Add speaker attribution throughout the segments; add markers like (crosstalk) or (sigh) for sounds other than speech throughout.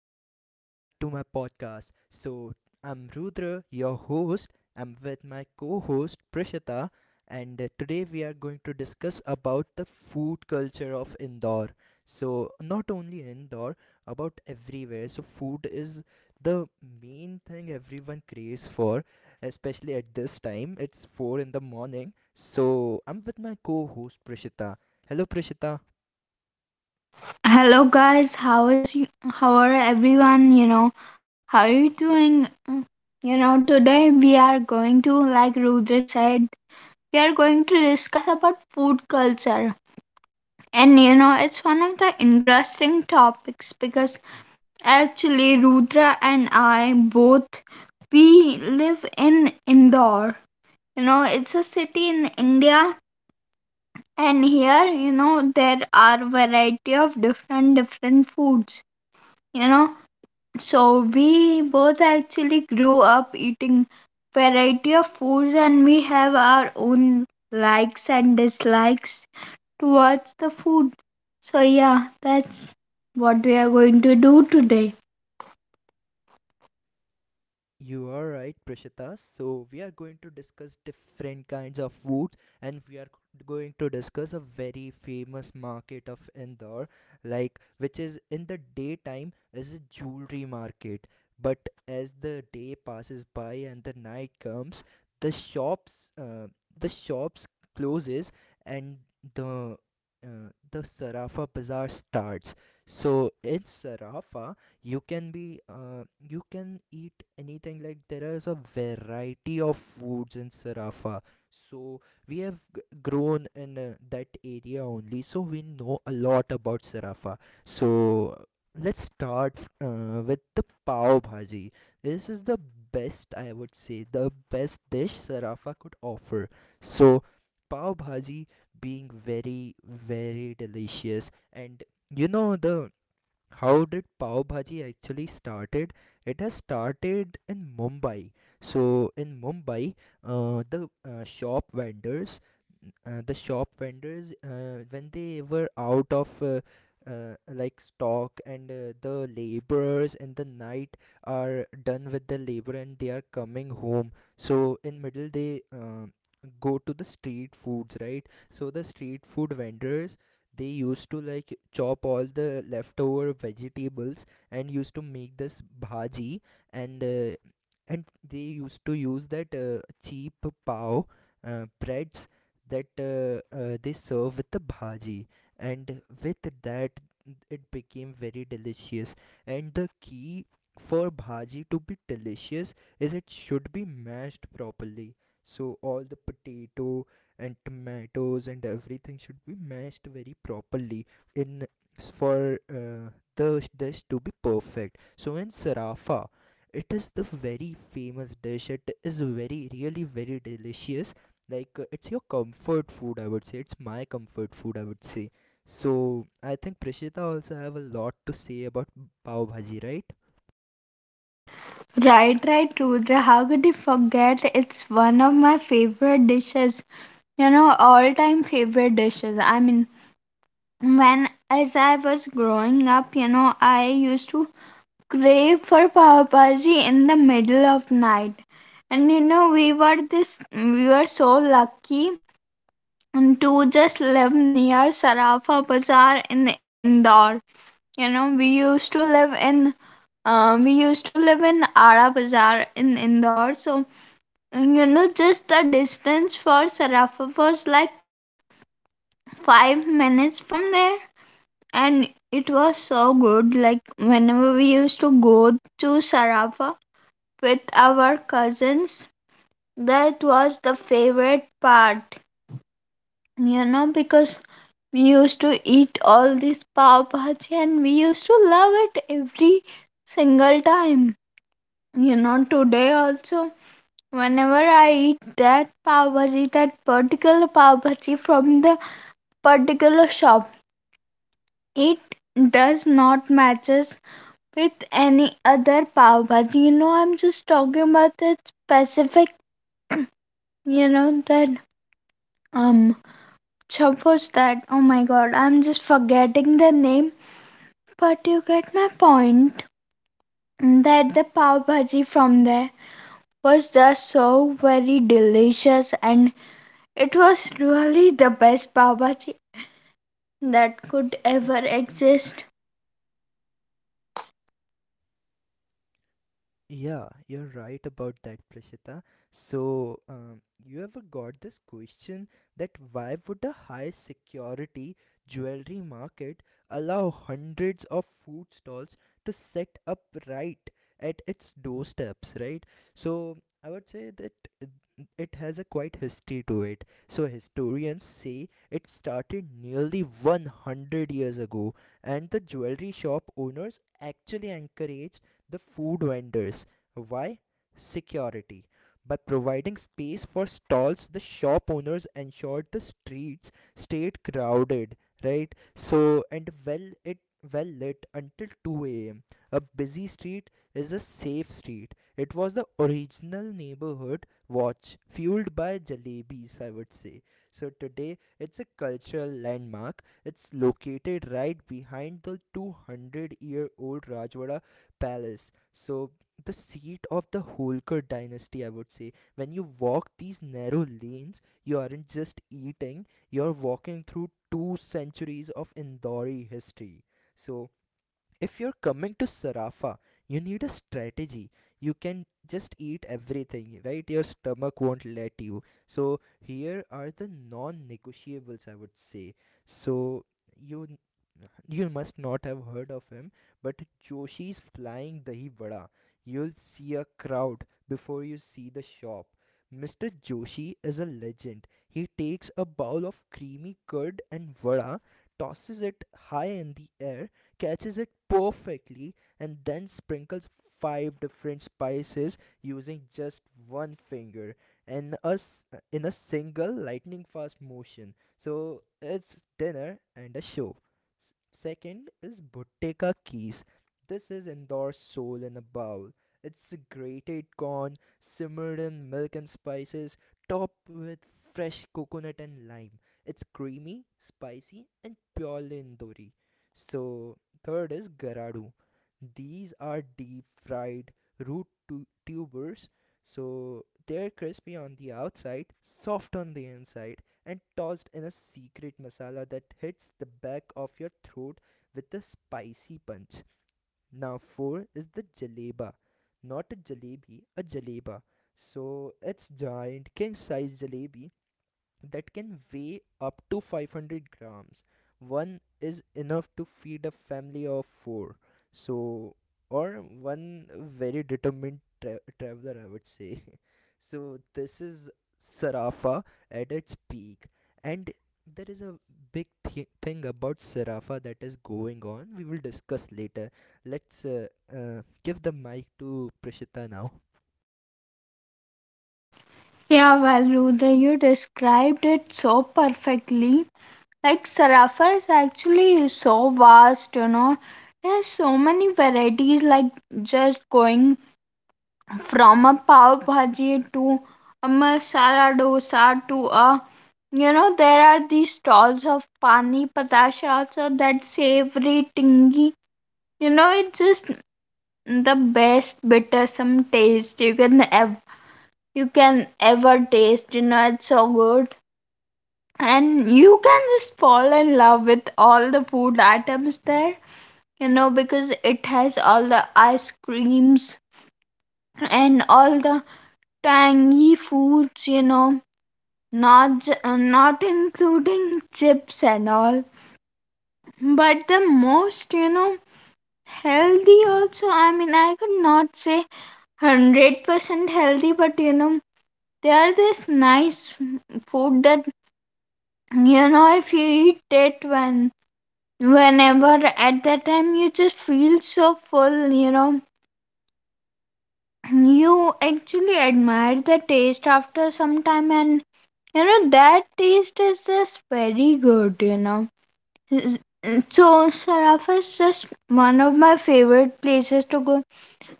Speaker 1: and welcome back to my podcast. I'm Rudra, your host. I'm with my co-host Prishita and today we are going to discuss about the food culture of Indore. So, not only Indore, about everywhere. So, food is the main thing everyone craves for, especially at this time. It's 4 in the morning. So, I'm with my co-host Prishita. Hello Prishita.
Speaker 2: Hello guys, how is you, how are everyone? How are you doing? Today we are going to, like Rudra said, we are going to discuss about food culture. And it's one of the interesting topics because actually Rudra and I both we live in Indore. It's a city in India, and here, there are variety of different different foods. You know, So we both actually grew up eating variety of foods, and we have our own likes and dislikes towards the food. So yeah, that's what we are going to do today.
Speaker 1: You are right, Prashita. So we are going to discuss different kinds of food, and going to discuss a very famous market of Indore, like which is in the daytime is a jewelry market, but as the day passes by and the night comes, the shops, uh, the shops closes and the the Sarafa bazaar starts. So in Sarafa, you can eat anything like there is a variety of foods in Sarafa so we have grown in that area only so we know a lot about Sarafa so let's start with the pav bhaji. This is the best, I would say, the best dish Sarafa could offer. So pav bhaji being very very delicious, and you know the how did pav bhaji actually started? It has started in Mumbai. So in Mumbai, the shop vendors, the shop vendors, when they were out of like stock, and the laborers in the night are done with the labor and they are coming home, so in middle they go to the street foods, right? So the street food vendors, they used to like chop all the leftover vegetables and used to make this bhaji, and uh, and they used to use that cheap pav breads that they serve with the bhaji, and with that it became very delicious. And the key for bhaji to be delicious is it should be mashed properly. So all the potato and tomatoes and everything should be mashed very properly in, for the dish to be perfect. So in Sarafa, it is the very famous dish. It is very, really very delicious. Like it's your comfort food, I would say. It's my comfort food, I would say. So I think Prishita also have a lot to say about pav bhaji, right?
Speaker 2: Right, right, Rudra. How could you forget? It's one of my favorite dishes. All time favorite dishes. I mean, when as I was growing up, I used to crave for pav bhaji in the middle of night. And we were so lucky and to just live near Sarafa Bazaar in Indore. You know, we used to live in, we used to live in Ara Bazaar in Indore. So, just the distance for Sarafa was like 5 minutes from there. And it was so good. Like, whenever we used to go to Sarafa with our cousins. That was the favorite part, because we used to eat all this pav bhaji and we used to love it every single time. Today also, whenever I eat that pav bhaji, that particular pav bhaji from the particular shop, it does not matches with any other pav bhaji. I'm just talking about that specific, that um Chub that. Oh my god, I'm just forgetting the name, but you get my point. That the pav bhaji from there was just so very delicious, and it was really the best pav bhaji that could ever exist.
Speaker 1: Yeah, you're right about that, Prashita. So, you ever got this question, that why would a high security jewelry market allow hundreds of food stalls to set up right at its doorsteps, right? So, I would say that uh, it has a quite history to it. So, historians say it started nearly 100 years ago, and the jewelry shop owners actually encouraged the food vendors. Why? Security. By providing space for stalls, the shop owners ensured the streets stayed crowded, right? So, and well it well lit until 2 a.m. A busy street is a safe street. It was the original neighborhood watch fueled by jalebis, I would say. So today it's a cultural landmark. It's located right behind the 200-year-old Rajwada Palace. So the seat of the Holkar dynasty, I would say. When you walk these narrow lanes, you aren't just eating, you're walking through two centuries of Indori history. So if you're coming to Sarafa, you need a strategy. You can just eat everything, right? Your stomach won't let you. So, here are the non negotiables, I would say. So, you you must not have heard of him, but Joshi's Flying Dahi Vada. You'll see a crowd before you see the shop. Mr. Joshi is a legend. He takes a bowl of creamy curd and vada, tosses it high in the air, catches it perfectly, and then sprinkles five different spices using just one finger and us in a single lightning fast motion. So it's dinner and a show. Second is Bottega Keys. This is Indore Soul in a Bowl. It's grated corn, simmered in milk and spices, topped with fresh coconut and lime. It's creamy, spicy, and purely Indori. So, third is Garadu. These are deep fried root tubers so they're crispy on the outside, soft on the inside, and tossed in a secret masala that hits the back of your throat with a spicy punch. Now, four is the jaleba, not a jalebi, a jaleba. So it's giant king size jalebi that can weigh up to 500 grams. One is enough to feed a family of four. So, or one very determined traveler, I would say. (laughs) So, this is Sarafa at its peak. And there is a big thing about Sarafa that is going on. We will discuss later. Let's give the mic to Prishita now.
Speaker 2: Yeah, well, Rudra, you described it so perfectly. Like, Sarafa is actually so vast. There's so many varieties, like just going from a pav bhaji to a masala dosa to a, there are these stalls of pani patasha also, that savory tingy, it's just the best bittersome taste you can you can ever taste, it's so good. And you can just fall in love with all the food items there, because it has all the ice creams and all the tangy foods, not not including chips and all, but the most, healthy also. I mean, I could not say 100% healthy, but they are this nice food that, if you eat it whenever at that time, you just feel so full, you actually admire the taste after some time. And that taste is just very good you know Mm, mm, So, Sarafa is just one of my favorite places to go.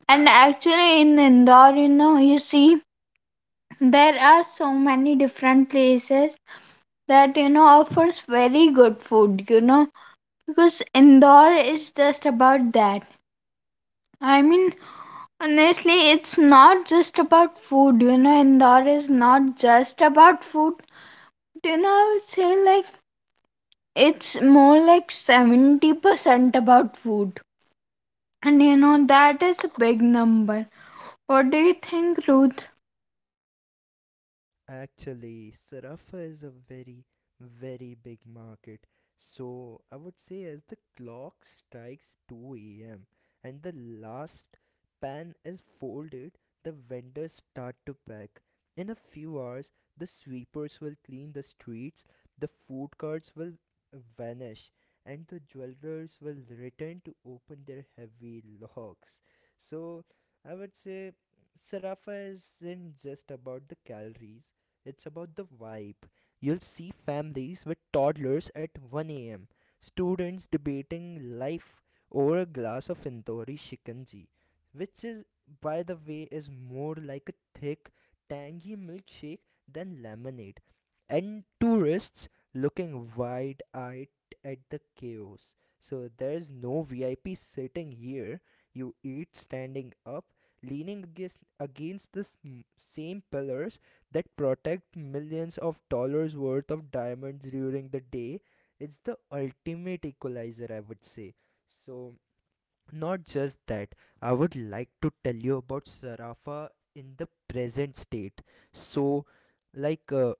Speaker 2: And actually, in Indore, you see, there are so many different places that, offers very good food, because Indore is just about that. I mean, honestly, it's not just about food, Indore is not just about food. I would say like it's more like 70% about food. And that is a big number. What do you think, Ruth?
Speaker 1: Actually, Sarafa is a very, very big market. So I would say as the clock strikes 2 a.m. and the last pan is folded, the vendors start to pack. In a few hours, the sweepers will clean the streets, the food carts will vanish, and the jewelers will return to open their heavy locks. So I would say Sarafa isn't just about the calories, it's about the vibe. You'll see families with toddlers at 1 a.m., students debating life over a glass of Tandoori shikanji, which is, by the way, is more like a thick, tangy milkshake than lemonade, and tourists looking wide-eyed at the chaos. So there's no VIP sitting here. You eat standing up, leaning against the same pillars that protect millions of dollars worth of diamonds during the day. It's the ultimate equalizer, I would say. So not just that, I would like to tell you about Sarafa in the present state. So, like uh,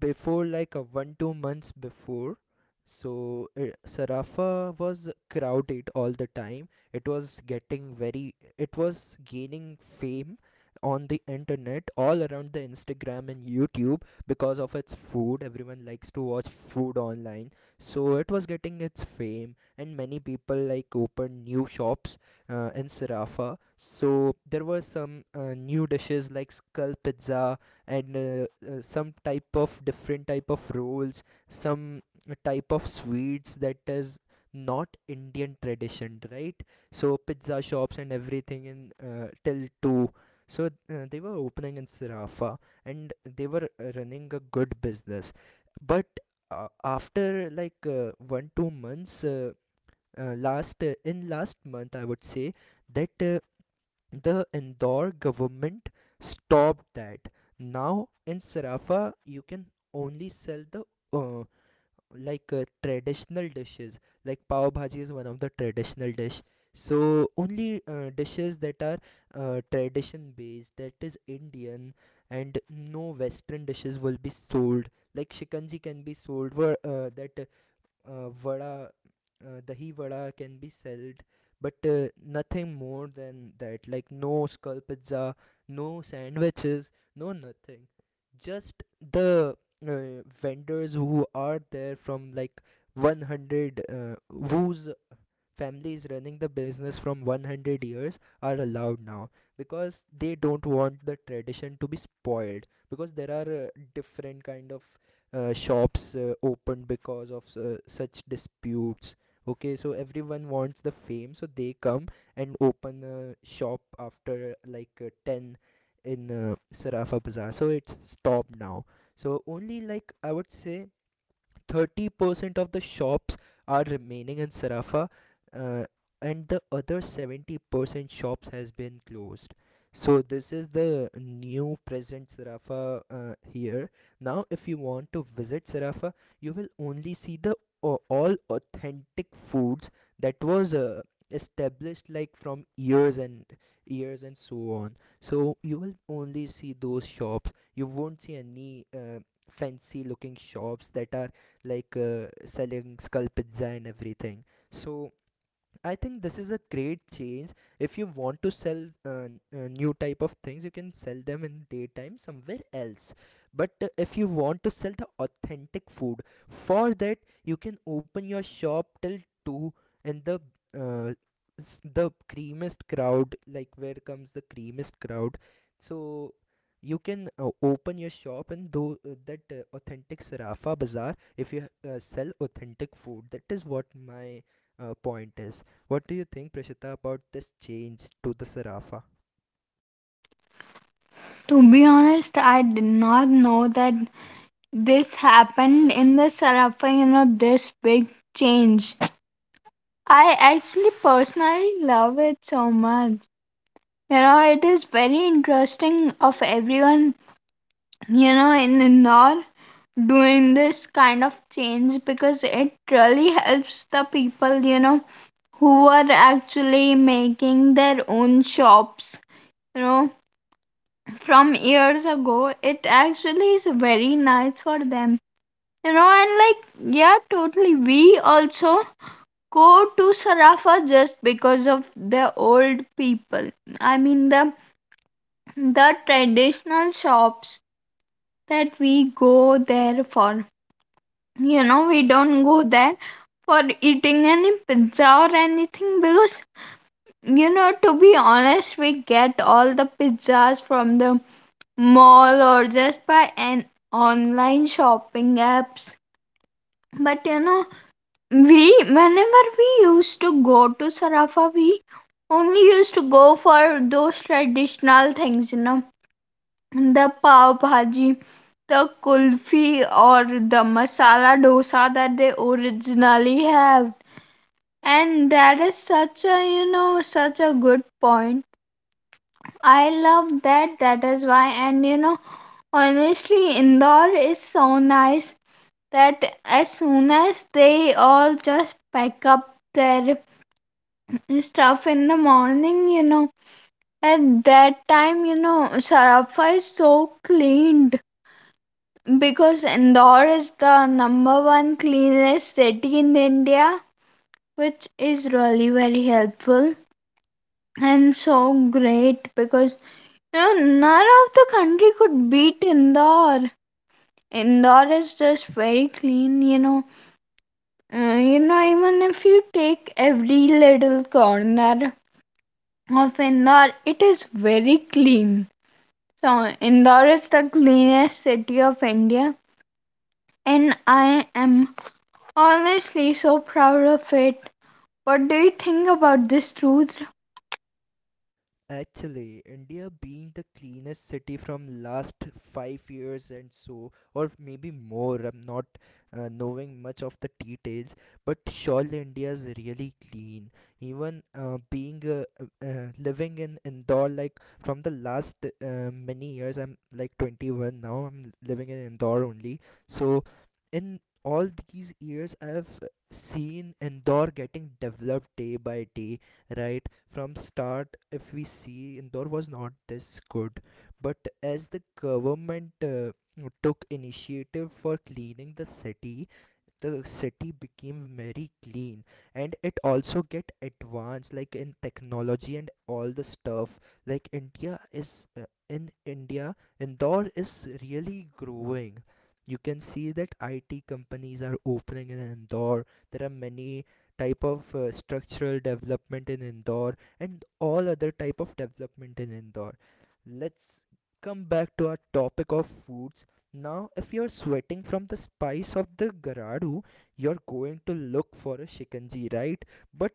Speaker 1: before, 1 2 months before, Sarafa was crowded all the time. It was getting very, it was gaining fame on the internet all around the Instagram and YouTube because of its food. Everyone likes to watch food online, so it was getting its fame and many people like opened new shops in Sarafa, so there were some new dishes like skull pizza and some type of different type of rolls, some type of sweets that is not Indian tradition, right? So pizza shops and everything in till 2, so uh, they were opening in Sarafa and they were running a good business. But after like 1 2 months, last in last month I would say that the Indore government stopped that. Now in Sarafa you can only sell the uh, traditional dishes, like pav bhaji is one of the traditional dish. So only dishes that are tradition based, that is Indian, and no western dishes will be sold. Like shikanji can be sold, where that vada, dahi vada can be sold, but nothing more than that. Like no skull pizza, no sandwiches, no nothing. Just the vendors who are there from like 100, whose families running the business from 100 years are allowed now, because they don't want the tradition to be spoiled, because there are different kind of shops opened because of such disputes. Okay, so everyone wants the fame, so they come and open a shop after like 10 in Sarafa Bazaar, so it's stopped now. So only, like I would say, 30% of the shops are remaining in Sarafa, uh, and the other 70% shops has been closed. So this is the new present Sarafa here. Now if you want to visit Sarafa, you will only see the all authentic foods that was established like from years and years and so on. So you will only see those shops. You won't see any fancy looking shops that are selling scalp and everything. So I think this is a great change. If you want to sell new type of things, you can sell them in daytime somewhere else. But if you want to sell the authentic food, for that you can open your shop till two, and the uh, the creamiest crowd, like where comes the creamiest crowd. So you can open your shop and do that authentic Sarafa Bazaar if you sell authentic food. That is what my point is. What do you think, Prashita, about this change to the Sarafa?
Speaker 2: To be honest, I did not know that this happened in the Sarafa, this big change. I actually personally love it so much. It is very interesting of everyone, in Indore doing this kind of change because it really helps the people, who are actually making their own shops, you know from years ago. It actually is very nice for them. And like, yeah, totally. We also go to Sarafa just because of the old people. I mean, the traditional shops that we go there for. We don't go there for eating any pizza or anything because, to be honest, we get all the pizzas from the mall or just by an online shopping apps. But we, whenever we used to go to Sarafa, we only used to go for those traditional things, the pav bhaji, the kulfi, or the masala dosa that they originally have. And that is such a, such a good point. I love that. That is why. And honestly, Indore is so nice that as soon as they all just pack up their stuff in the morning, at that time, Sarafa is so cleaned because Indore is the number one cleanest city in India, which is really very helpful and so great because none of the country could beat Indore. Indore is just very clean. Even if you take every little corner of Indore, it is very clean. So, Indore is the cleanest city of India, and I am honestly so proud of it. What do you think about this truth?
Speaker 1: Actually, India being the cleanest city from last 5 years and so, or maybe more. I'm not knowing much of the details, but surely India is really clean. Even being living in Indore, like from the last many years, I'm like 21 now. I'm living in Indore only. So, in all these years, I have seen Indore getting developed day by day. Right from start, if we see, Indore was not this good, but as the government took initiative for cleaning the city, the city became very clean, and it also get advanced like in technology and all the stuff. Like india is in India, Indore is really growing. You can see that IT companies are opening in Indore. There are many type of structural development in Indore and all other type of development in Indore. Let's come back to our topic of foods. Now, if you're sweating from the spice of the Garadu, you're going to look for a shikanji, right? But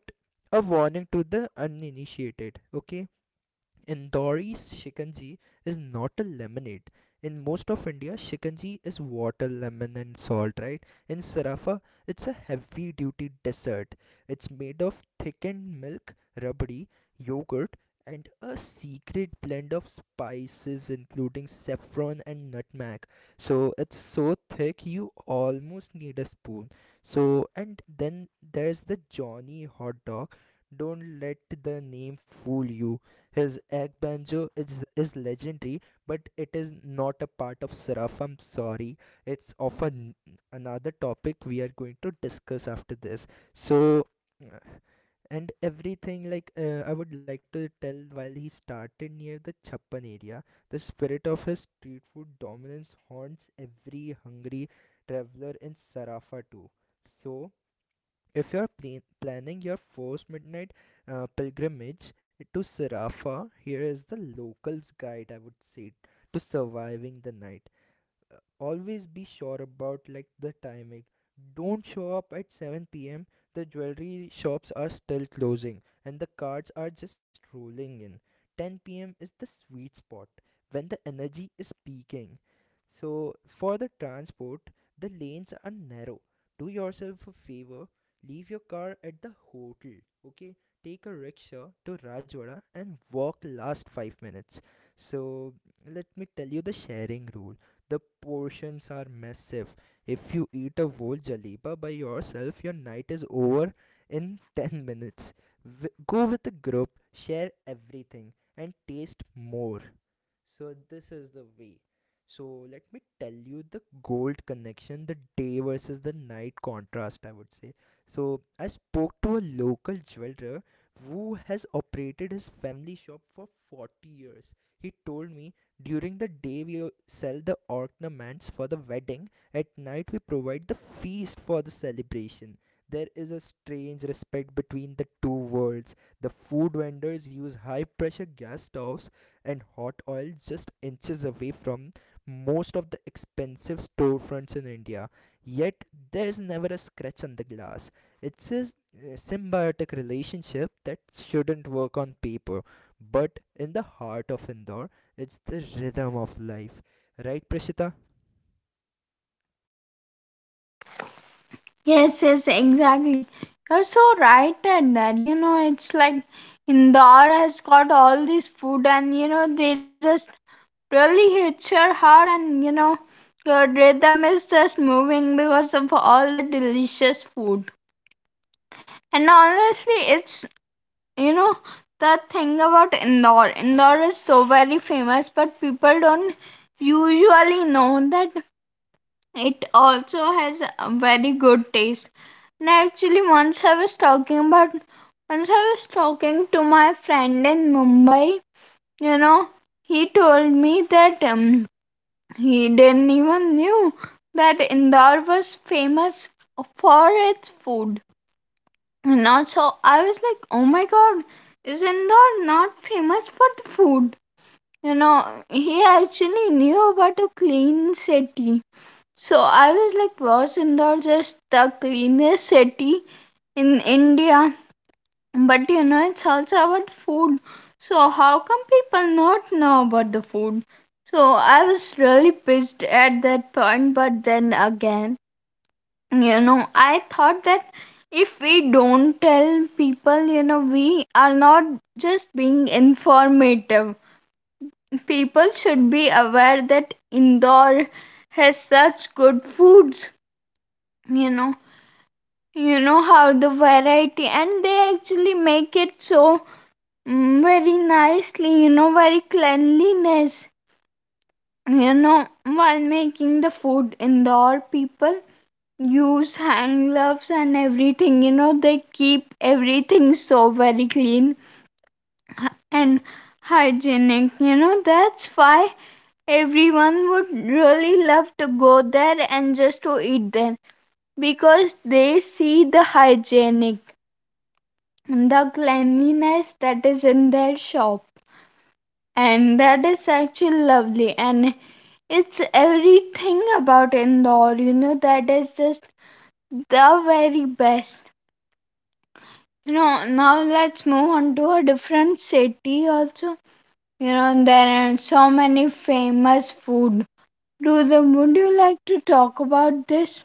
Speaker 1: a warning to the uninitiated, okay? Indori's shikanji is not a lemonade. In most of India, shikanji is water, lemon, and salt, right? In Sarafa, it's a heavy duty dessert. It's made of thickened milk, rabdi, yogurt, and a secret blend of spices, including saffron and nutmeg. So, it's so thick you almost need a spoon. So, and then there's the Johnny hot dog. Don't let the name fool you. His egg banjo is legendary, but it is not a part of Seraph. I'm sorry. It's another topic we are going to discuss after this. So, uh, and everything like I would like to tell while he started near the Chappan area, the spirit of his street food dominance haunts every hungry traveler in Sarafa too. So, if you're planning your first midnight pilgrimage to Sarafa, here is the locals' guide, I would say, to surviving the night. Always be sure about like the timing. Don't show up at 7 p.m. The jewelry shops are still closing and the cards are just rolling in. 10 p.m. is the sweet spot when the energy is peaking. So, for the transport, the lanes are narrow. Do yourself a favor, leave your car at the hotel, okay? Take a rickshaw to Rajwada and walk last 5 minutes. So, let me tell you the sharing rule. The portions are massive. If you eat a whole jaleeba by yourself, your night is over in (laughs) 10 minutes. Go with a group, share everything, and taste more. So, this is the way. So, let me tell you the gold connection, the day versus the night contrast, I would say. So, I spoke to a local jeweler who has operated his family shop for 40 years. He told me during the day we sell the ornaments for the wedding, at night we provide the feast for the celebration. There is a strange respect between the two worlds. The food vendors use high pressure gas stoves and hot oil just inches away from most of the expensive storefronts in India. Yet there is never a scratch on the glass. It's a symbiotic relationship that shouldn't work on paper, but in the heart of Indore, it's the rhythm of life. Right, Prashita?
Speaker 2: Yes, yes, exactly. You're so right at that. It's like Indore has got all this food, and there's a really hits your heart. And your rhythm is just moving because of all the delicious food. And honestly, it's, you know the thing about Indore, Indore is so very famous, but people don't usually know that it also has a very good taste. And actually, once I was talking to my friend in Mumbai. you know he told me that he didn't even knew that Indore was famous for its food. And also, I was like, oh my god, is Indore not famous for the food? He actually knew about a clean city. So I was like, was Indore just the cleanest city in India? But it's also about food. So, how come people not know about the food? So, I was really pissed at that point, but then again, I thought that if we don't tell people, we are not just being informative. People should be aware that Indore has such good foods, you know. You know how the variety, and they actually make it so very nicely, very cleanliness. While making the food indoor, people use hand gloves and everything. They keep everything so very clean and hygienic. That's why everyone would really love to go there and just to eat there because they see the hygienic, the cleanliness that is in their shop. And that is actually lovely. And it's everything about Indore, that is just the very best. Now let's move on to a different city also. There are so many famous food. Rudra, would you like to talk about this?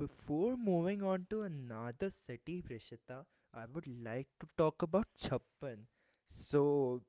Speaker 1: Before moving on to another city, Prishita, I would like to talk about Chappan. So,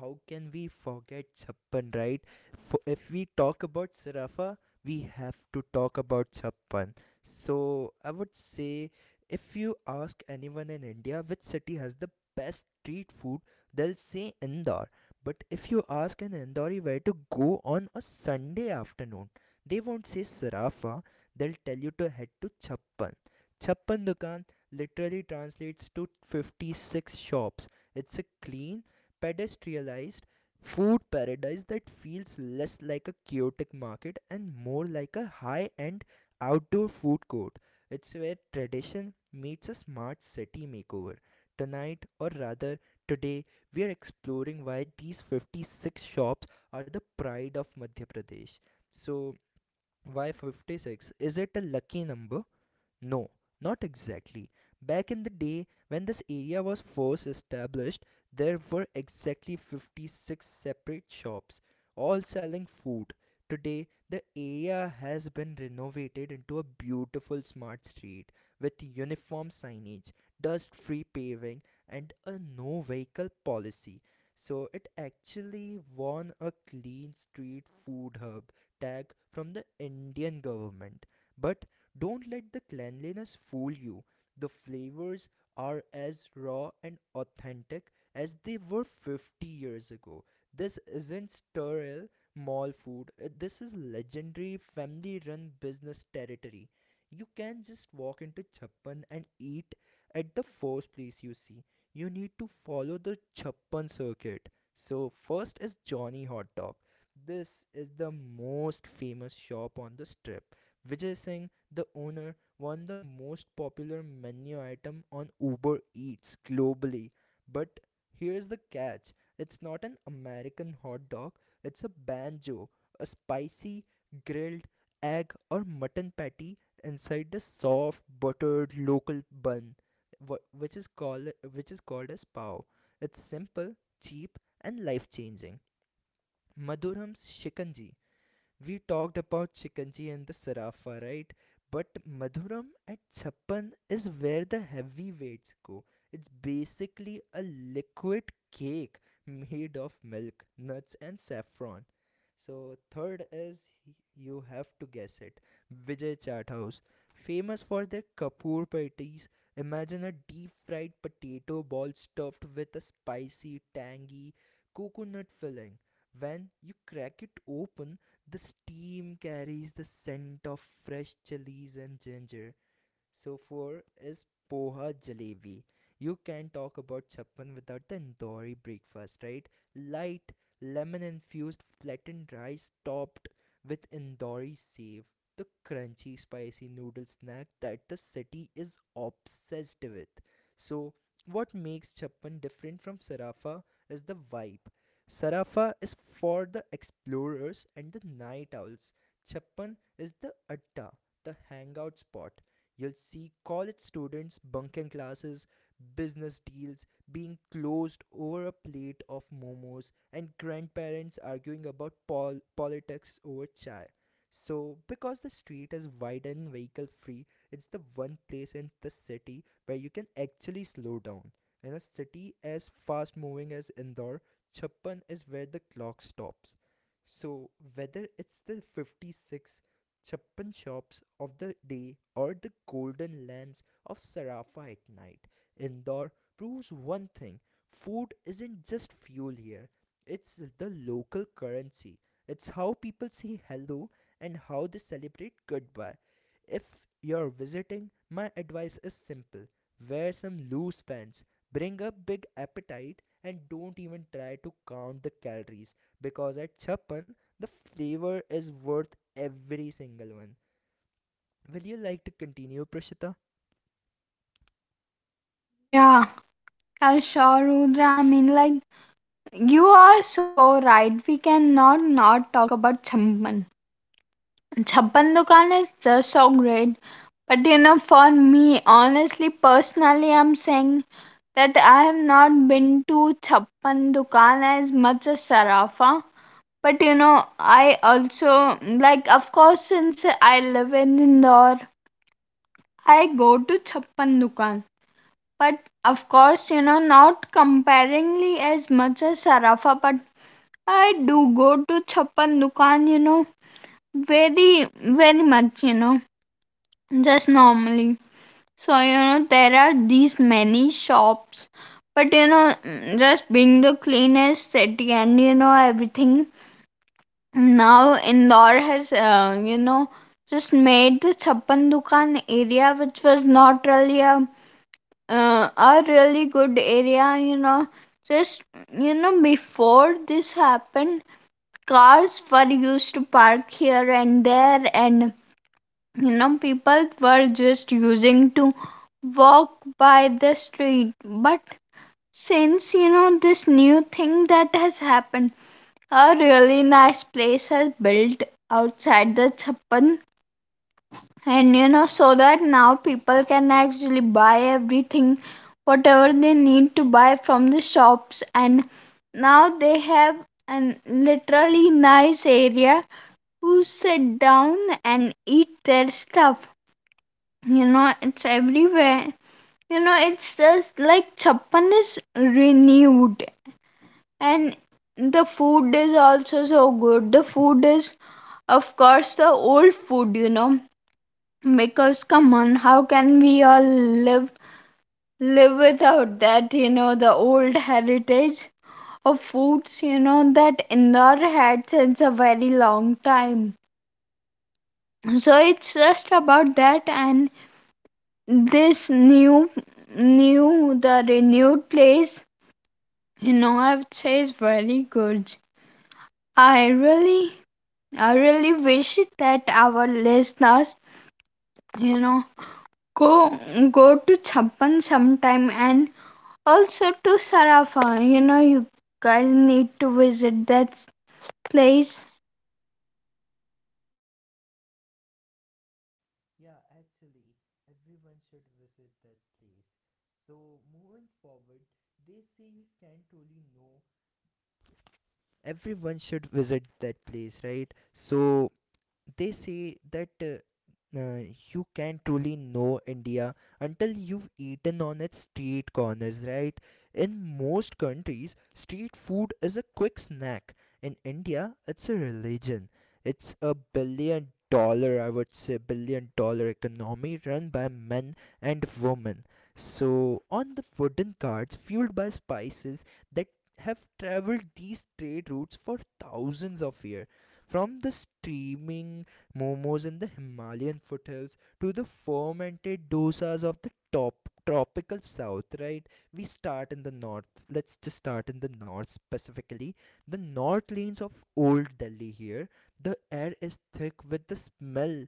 Speaker 1: how can we forget Chappan, right? For if we talk about Sarafa, we have to talk about Chappan. So, I would say, if you ask anyone in India which city has the best street food, they'll say Indore. But if you ask an Indori where to go on a Sunday afternoon, they won't say Sarafa, they'll tell you to head to Chappan. Chappan Dukan literally translates to 56 shops. It's a clean, pedestrianized food paradise that feels less like a chaotic market and more like a high end outdoor food court. It's where tradition meets a smart city makeover. Tonight, or rather today, we are exploring why these 56 shops are the pride of Madhya Pradesh. So, why 56? Is it a lucky number? No, not exactly. Back in the day, when this area was first established, there were exactly 56 separate shops all selling food. Today, the area has been renovated into a beautiful smart street with uniform signage, dust free paving, and a no vehicle policy. So, it actually won a clean street food hub tag from the Indian government. But don't let the cleanliness fool you. The flavors are as raw and authentic as they were 50 years ago. This isn't sterile mall food. This is legendary family run business territory. You can just walk into Chappan and eat at the first place you see. You need to follow the Chappan circuit. So, first is Johnny Hot Dog. This is the most famous shop on the strip. Vijay Singh, the owner, won the most popular menu item on Uber Eats globally. But here's the catch, it's not an American hot dog, it's a banjo, a spicy, grilled egg or mutton patty inside the soft, buttered local bun wh- which is called which is called as pow. It's simple, cheap, and life changing. मधुरम्स shikanji. We talked about Chikanji and the Sarafa, right? But Madhuram at Chappan is where the heavyweights go. It's basically a liquid cake made of milk, nuts, and saffron. So, third is, you have to guess it, Vijay Chaat House. Famous for their Kapoor patties. Imagine a deep fried potato ball stuffed with a spicy, tangy coconut filling. When you crack it open, the steam carries the scent of fresh chilies and ginger. So, four is poha jalebi. You can talk about Chappan without the Indori breakfast, right? Light lemon infused flattened rice topped with Indori save. The crunchy spicy noodle snack that the city is obsessed with. So, what makes Chappan different from Sarafa is the vibe. Sarafa is for the explorers and the night owls. Chappan is the adda, the hangout spot. You'll see college students bunking classes, business deals being closed over a plate of momos, and grandparents arguing about politics over chai. So, because the street is wide and vehicle free, it's the one place in the city where you can actually slow down. In a city as fast moving as Indore, Chappan is where the clock stops. So, whether it's the 56 Chappan shops of the day or the golden lands of Sarafa at night, Indore proves one thing: food isn't just fuel here, it's the local currency. It's how people say hello and how they celebrate goodbye. If you're visiting, my advice is simple: wear some loose pants, bring a big appetite, and don't even try to count the calories, because at Chappan, the flavor is worth every single one. Will you like to continue, Prashita?
Speaker 2: Yeah, I sure, Rudra. I mean, like, you are so right. We cannot not talk about Champan. Champan Dukan is just so great. But for me, honestly, personally, I'm saying that I have not been to Chappan Dukan as much as Sarafa. But I also, like, of course, since I live in Indore, I go to Chappan Dukan. But of course, not comparingly as much as Sarafa, but I do go to Chappan Dukan, very, very much, just normally. So, there are these many shops, but just being the cleanest city. And everything, now Indore has, just made the Chappan Dukan area, which was not really a really good area, Just, before this happened, cars were used to park here and there. And people were just using to walk by the street. But since this new thing that has happened, a really nice place has built outside the Chappan. And so that now people can actually buy everything whatever they need to buy from the shops. And now they have an literally nice area to sit down and eat their stuff. It's everywhere. It's just like Chappan is renewed. And the food is also so good. The food is, of course, the old food, because come on, how can we all live live without that, the old heritage of foods, that Indore had since a very long time. So it's just about that. And this new new the renewed place, I would say, is very good. I really i really wish that our listeners, you know go go to Chappan sometime, and also to Sarafa. You guys need to visit that place.
Speaker 1: Yeah, actually, everyone should visit that place. So, moving forward, they say you can't really know. Everyone should visit that place, right? So, they say that you can't truly know India until you've eaten on its street corners, right? In most countries, street food is a quick snack. In India, it's a religion. It's a billion dollar, I would say, billion dollar economy run by men and women. So, on the wooden carts fueled by spices that have traveled these trade routes for thousands of years, from the steaming momos in the Himalayan foothills to the fermented dosas of the top tropical south, right? We start in the north. Let's just start in the north, specifically the north lanes of Old Delhi. Here the air is thick with the smell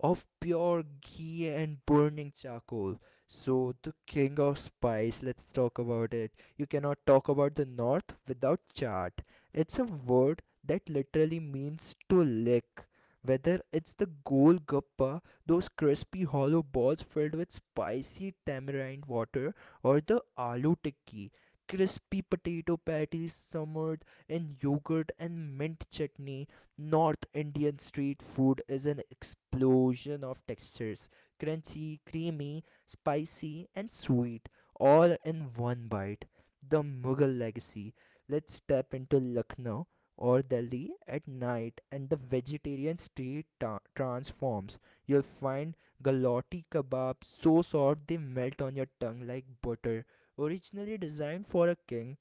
Speaker 1: of pure ghee and burning charcoal. So, the king of spice, let's talk about it. You cannot talk about the north without chart. It's a word that literally means to lick. Whether it's the gol gappa, those crispy hollow balls filled with spicy tamarind water, or the aloo tikki, crispy potato patties simmered in yogurt and mint chutney, North Indian street food is an explosion of textures: crunchy, creamy, spicy, and sweet, all in one bite. The Mughal legacy. Let's step into Lucknow or Delhi at night, and the vegetarian street transforms. You'll find galati kebabs so soft they melt on your tongue like butter. Originally designed for a king,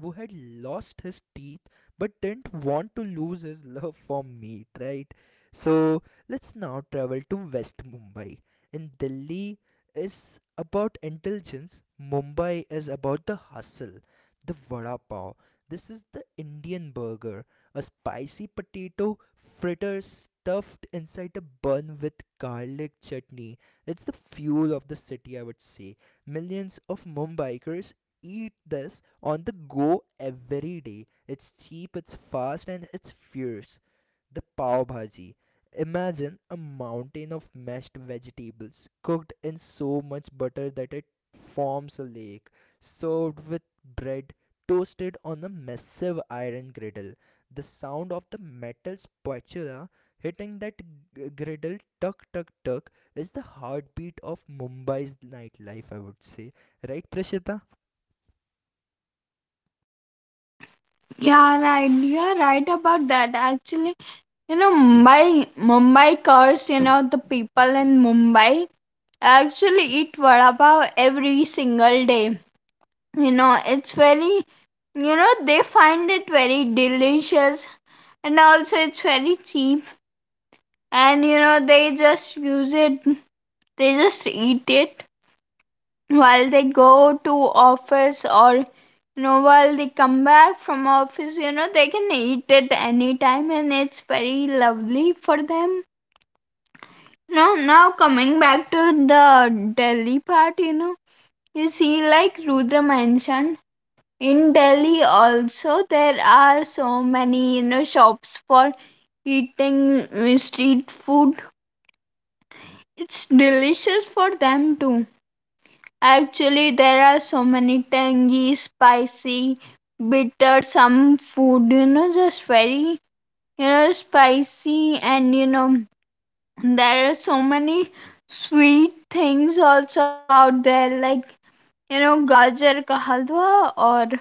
Speaker 1: who had lost his teeth but didn't want to lose his love for meat, right? So, let's now travel to West Mumbai. In Delhi is about intelligence, Mumbai is about the hustle, the vada pav. This is the Indian burger, a spicy potato fritter stuffed inside a bun with garlic chutney. It's the fuel of the city, I would say. Millions of Mumbaikers eat this on the go every day. It's cheap, it's fast, and it's fierce. The pav bhaji. Imagine a mountain of mashed vegetables cooked in so much butter that it forms a lake, served with bread toasted on a massive iron griddle. The sound of the metal spatula hitting that griddle, tuck tuck tuck, is the heartbeat of Mumbai's nightlife, I would say. Right, Prashita?
Speaker 2: Yeah, right, you're right about that. Actually, Mumbai cars, the people in Mumbai actually eat vada pav every single day. It's very, they find it very delicious. And also it's very cheap. And, they just eat it while they go to office or, while they come back from office. They can eat it anytime and it's very lovely for them. No, now coming back to the Delhi part, you see, like Rudra mentioned, in Delhi also there are so many shops for eating street food. It's delicious for them too. Actually, there are so many tangy, spicy, bitter some food. Just very spicy. And there are so many sweet things also out there, like gajar ka halwa or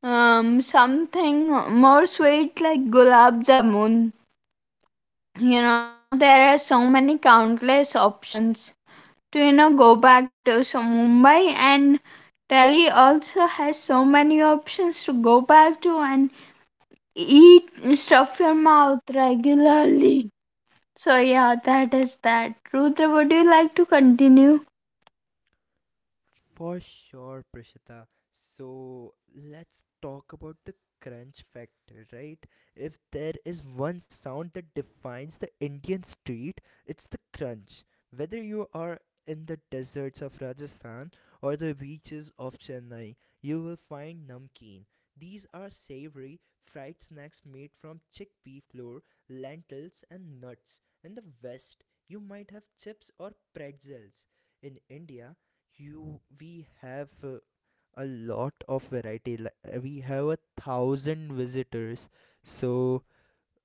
Speaker 2: Something more sweet like gulab jamun. There are so many countless options to, go back to. So, Mumbai and Delhi also has so many options to go back to and eat, stuff your mouth regularly. So, yeah, that is that. Rudra, would you like to continue?
Speaker 1: For sure, Prishita. So, let's talk about the crunch factor, right? If there is one sound that defines the Indian street, it's the crunch. Whether you are in the deserts of Rajasthan or the beaches of Chennai, you will find namkeen. These are savory fried snacks made from chickpea flour, lentils, and nuts. In the West, you might have chips or pretzels. In India, you we have a lot of variety. We have a 1,000 visitors, so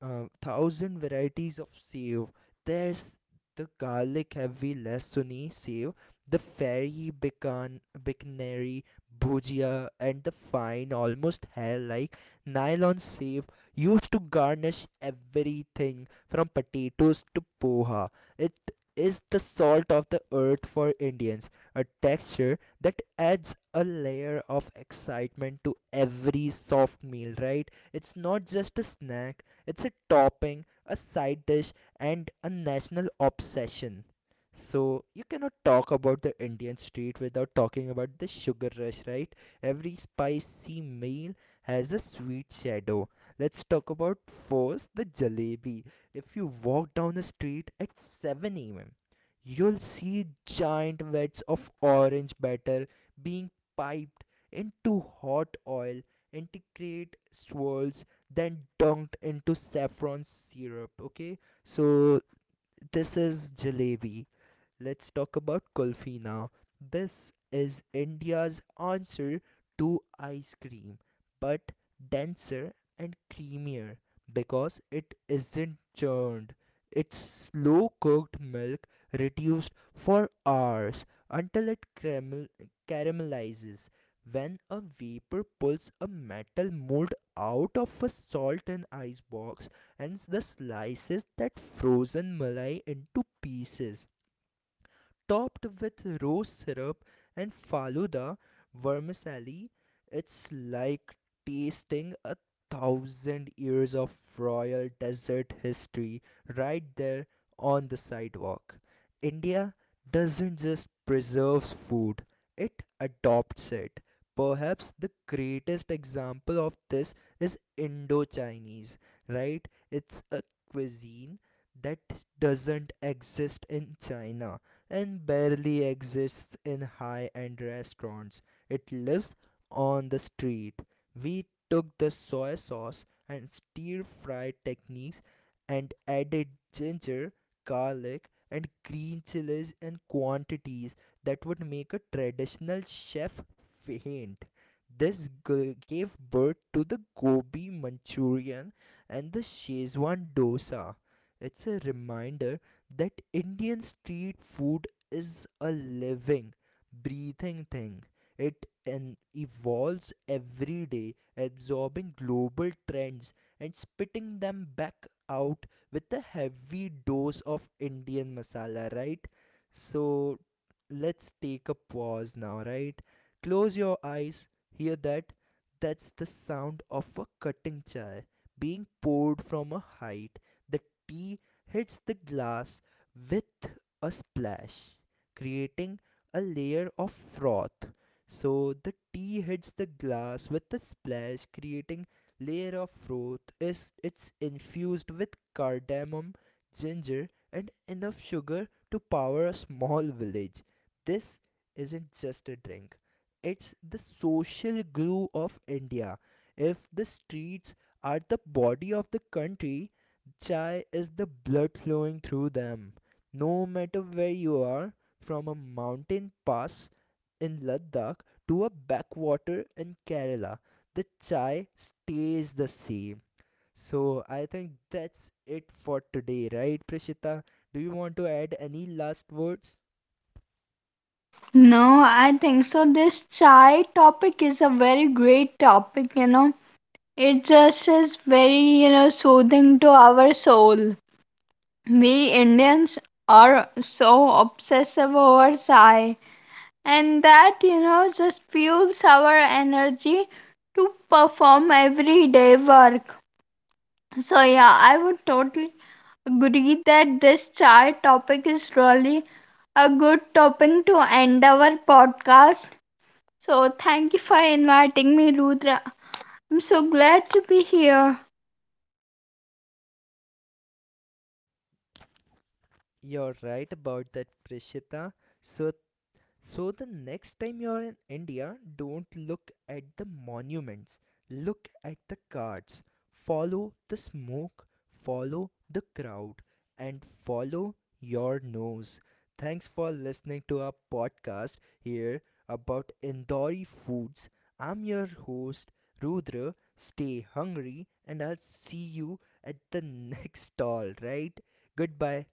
Speaker 1: 1,000 varieties of save. There's the garlic heavy lasuni save, the fairy bicanary bhujia, and the fine, almost hair like nylon save used to garnish everything from potatoes to poha. It is the salt of the earth for Indians, a texture that adds a layer of excitement to every soft meal, right? It's not just a snack, it's a topping, a side dish, and a national obsession. So, you cannot talk about the Indian street without talking about the sugar rush, right? Every spicy meal has a sweet shadow. Let's talk about first the jalebi. If you walk down the street at 7 a.m., you'll see giant wets of orange batter being piped into hot oil, integrate swirls, then dunked into saffron syrup, okay? So this is jalebi. Let's talk about kulfi now. This is India's answer to ice cream, but denser and creamier because it isn't churned. It's slow cooked milk reduced for hours until it caramelizes. When a vapor pulls a metal mold out of a salt and ice box and the slices that frozen malai into pieces topped with rose syrup and Faluda vermicelli. It's like tasting a 1,000 years of royal desert history right there on the sidewalk. India doesn't just preserves food, it adopts it. Perhaps the greatest example of this is Indo Chinese, right? It's a cuisine that doesn't exist in China and barely exists in high end restaurants. It lives on the street. We took the soy sauce and stir fry techniques and added ginger, garlic, and green chilies in quantities that would make a traditional chef faint. Gave birth to the Gobi Manchurian and the Shezwan dosa. It's a reminder that Indian street food is a living, breathing thing. It evolves every day, absorbing global trends and spitting them back out with a heavy dose of Indian masala, right? So let's take a pause now, right? Close your eyes, hear that? That's the sound of a cutting chai being poured from a height, the tea hits the glass with a splash, creating a layer of froth. So the tea hits the glass with a splash, creating layer of froth. Is it's infused with cardamom, ginger, and enough sugar to power a small village. This isn't just a drink. It's the social glue of India. If the streets are the body of the country, Chai is the blood flowing through them. No matter where you are, from a mountain pass in Ladakh to a backwater in Kerala, the chai stays the same. So I think that's it for today, right, Prishita? Do you want to add any last words?
Speaker 2: No, I think so. This chai topic is a very great topic, you know It just is very, soothing to our soul. We Indians are so obsessive over chai, and that, just fuels our energy to perform everyday work. So, yeah, I would totally agree that this chai topic is really a good topic to end our podcast. So, thank you for inviting me, Rudra. I'm so glad to be here.
Speaker 1: You're right about that, Prishita. So So the next time you're in India, don't look at the monuments, look at the cards. Follow the smoke, follow the crowd, and follow your nose. Thanks for listening to our podcast here about Indori foods. I'm your host, Rudra. Stay hungry, and I'll see you at the (laughs) next stall, right? Goodbye.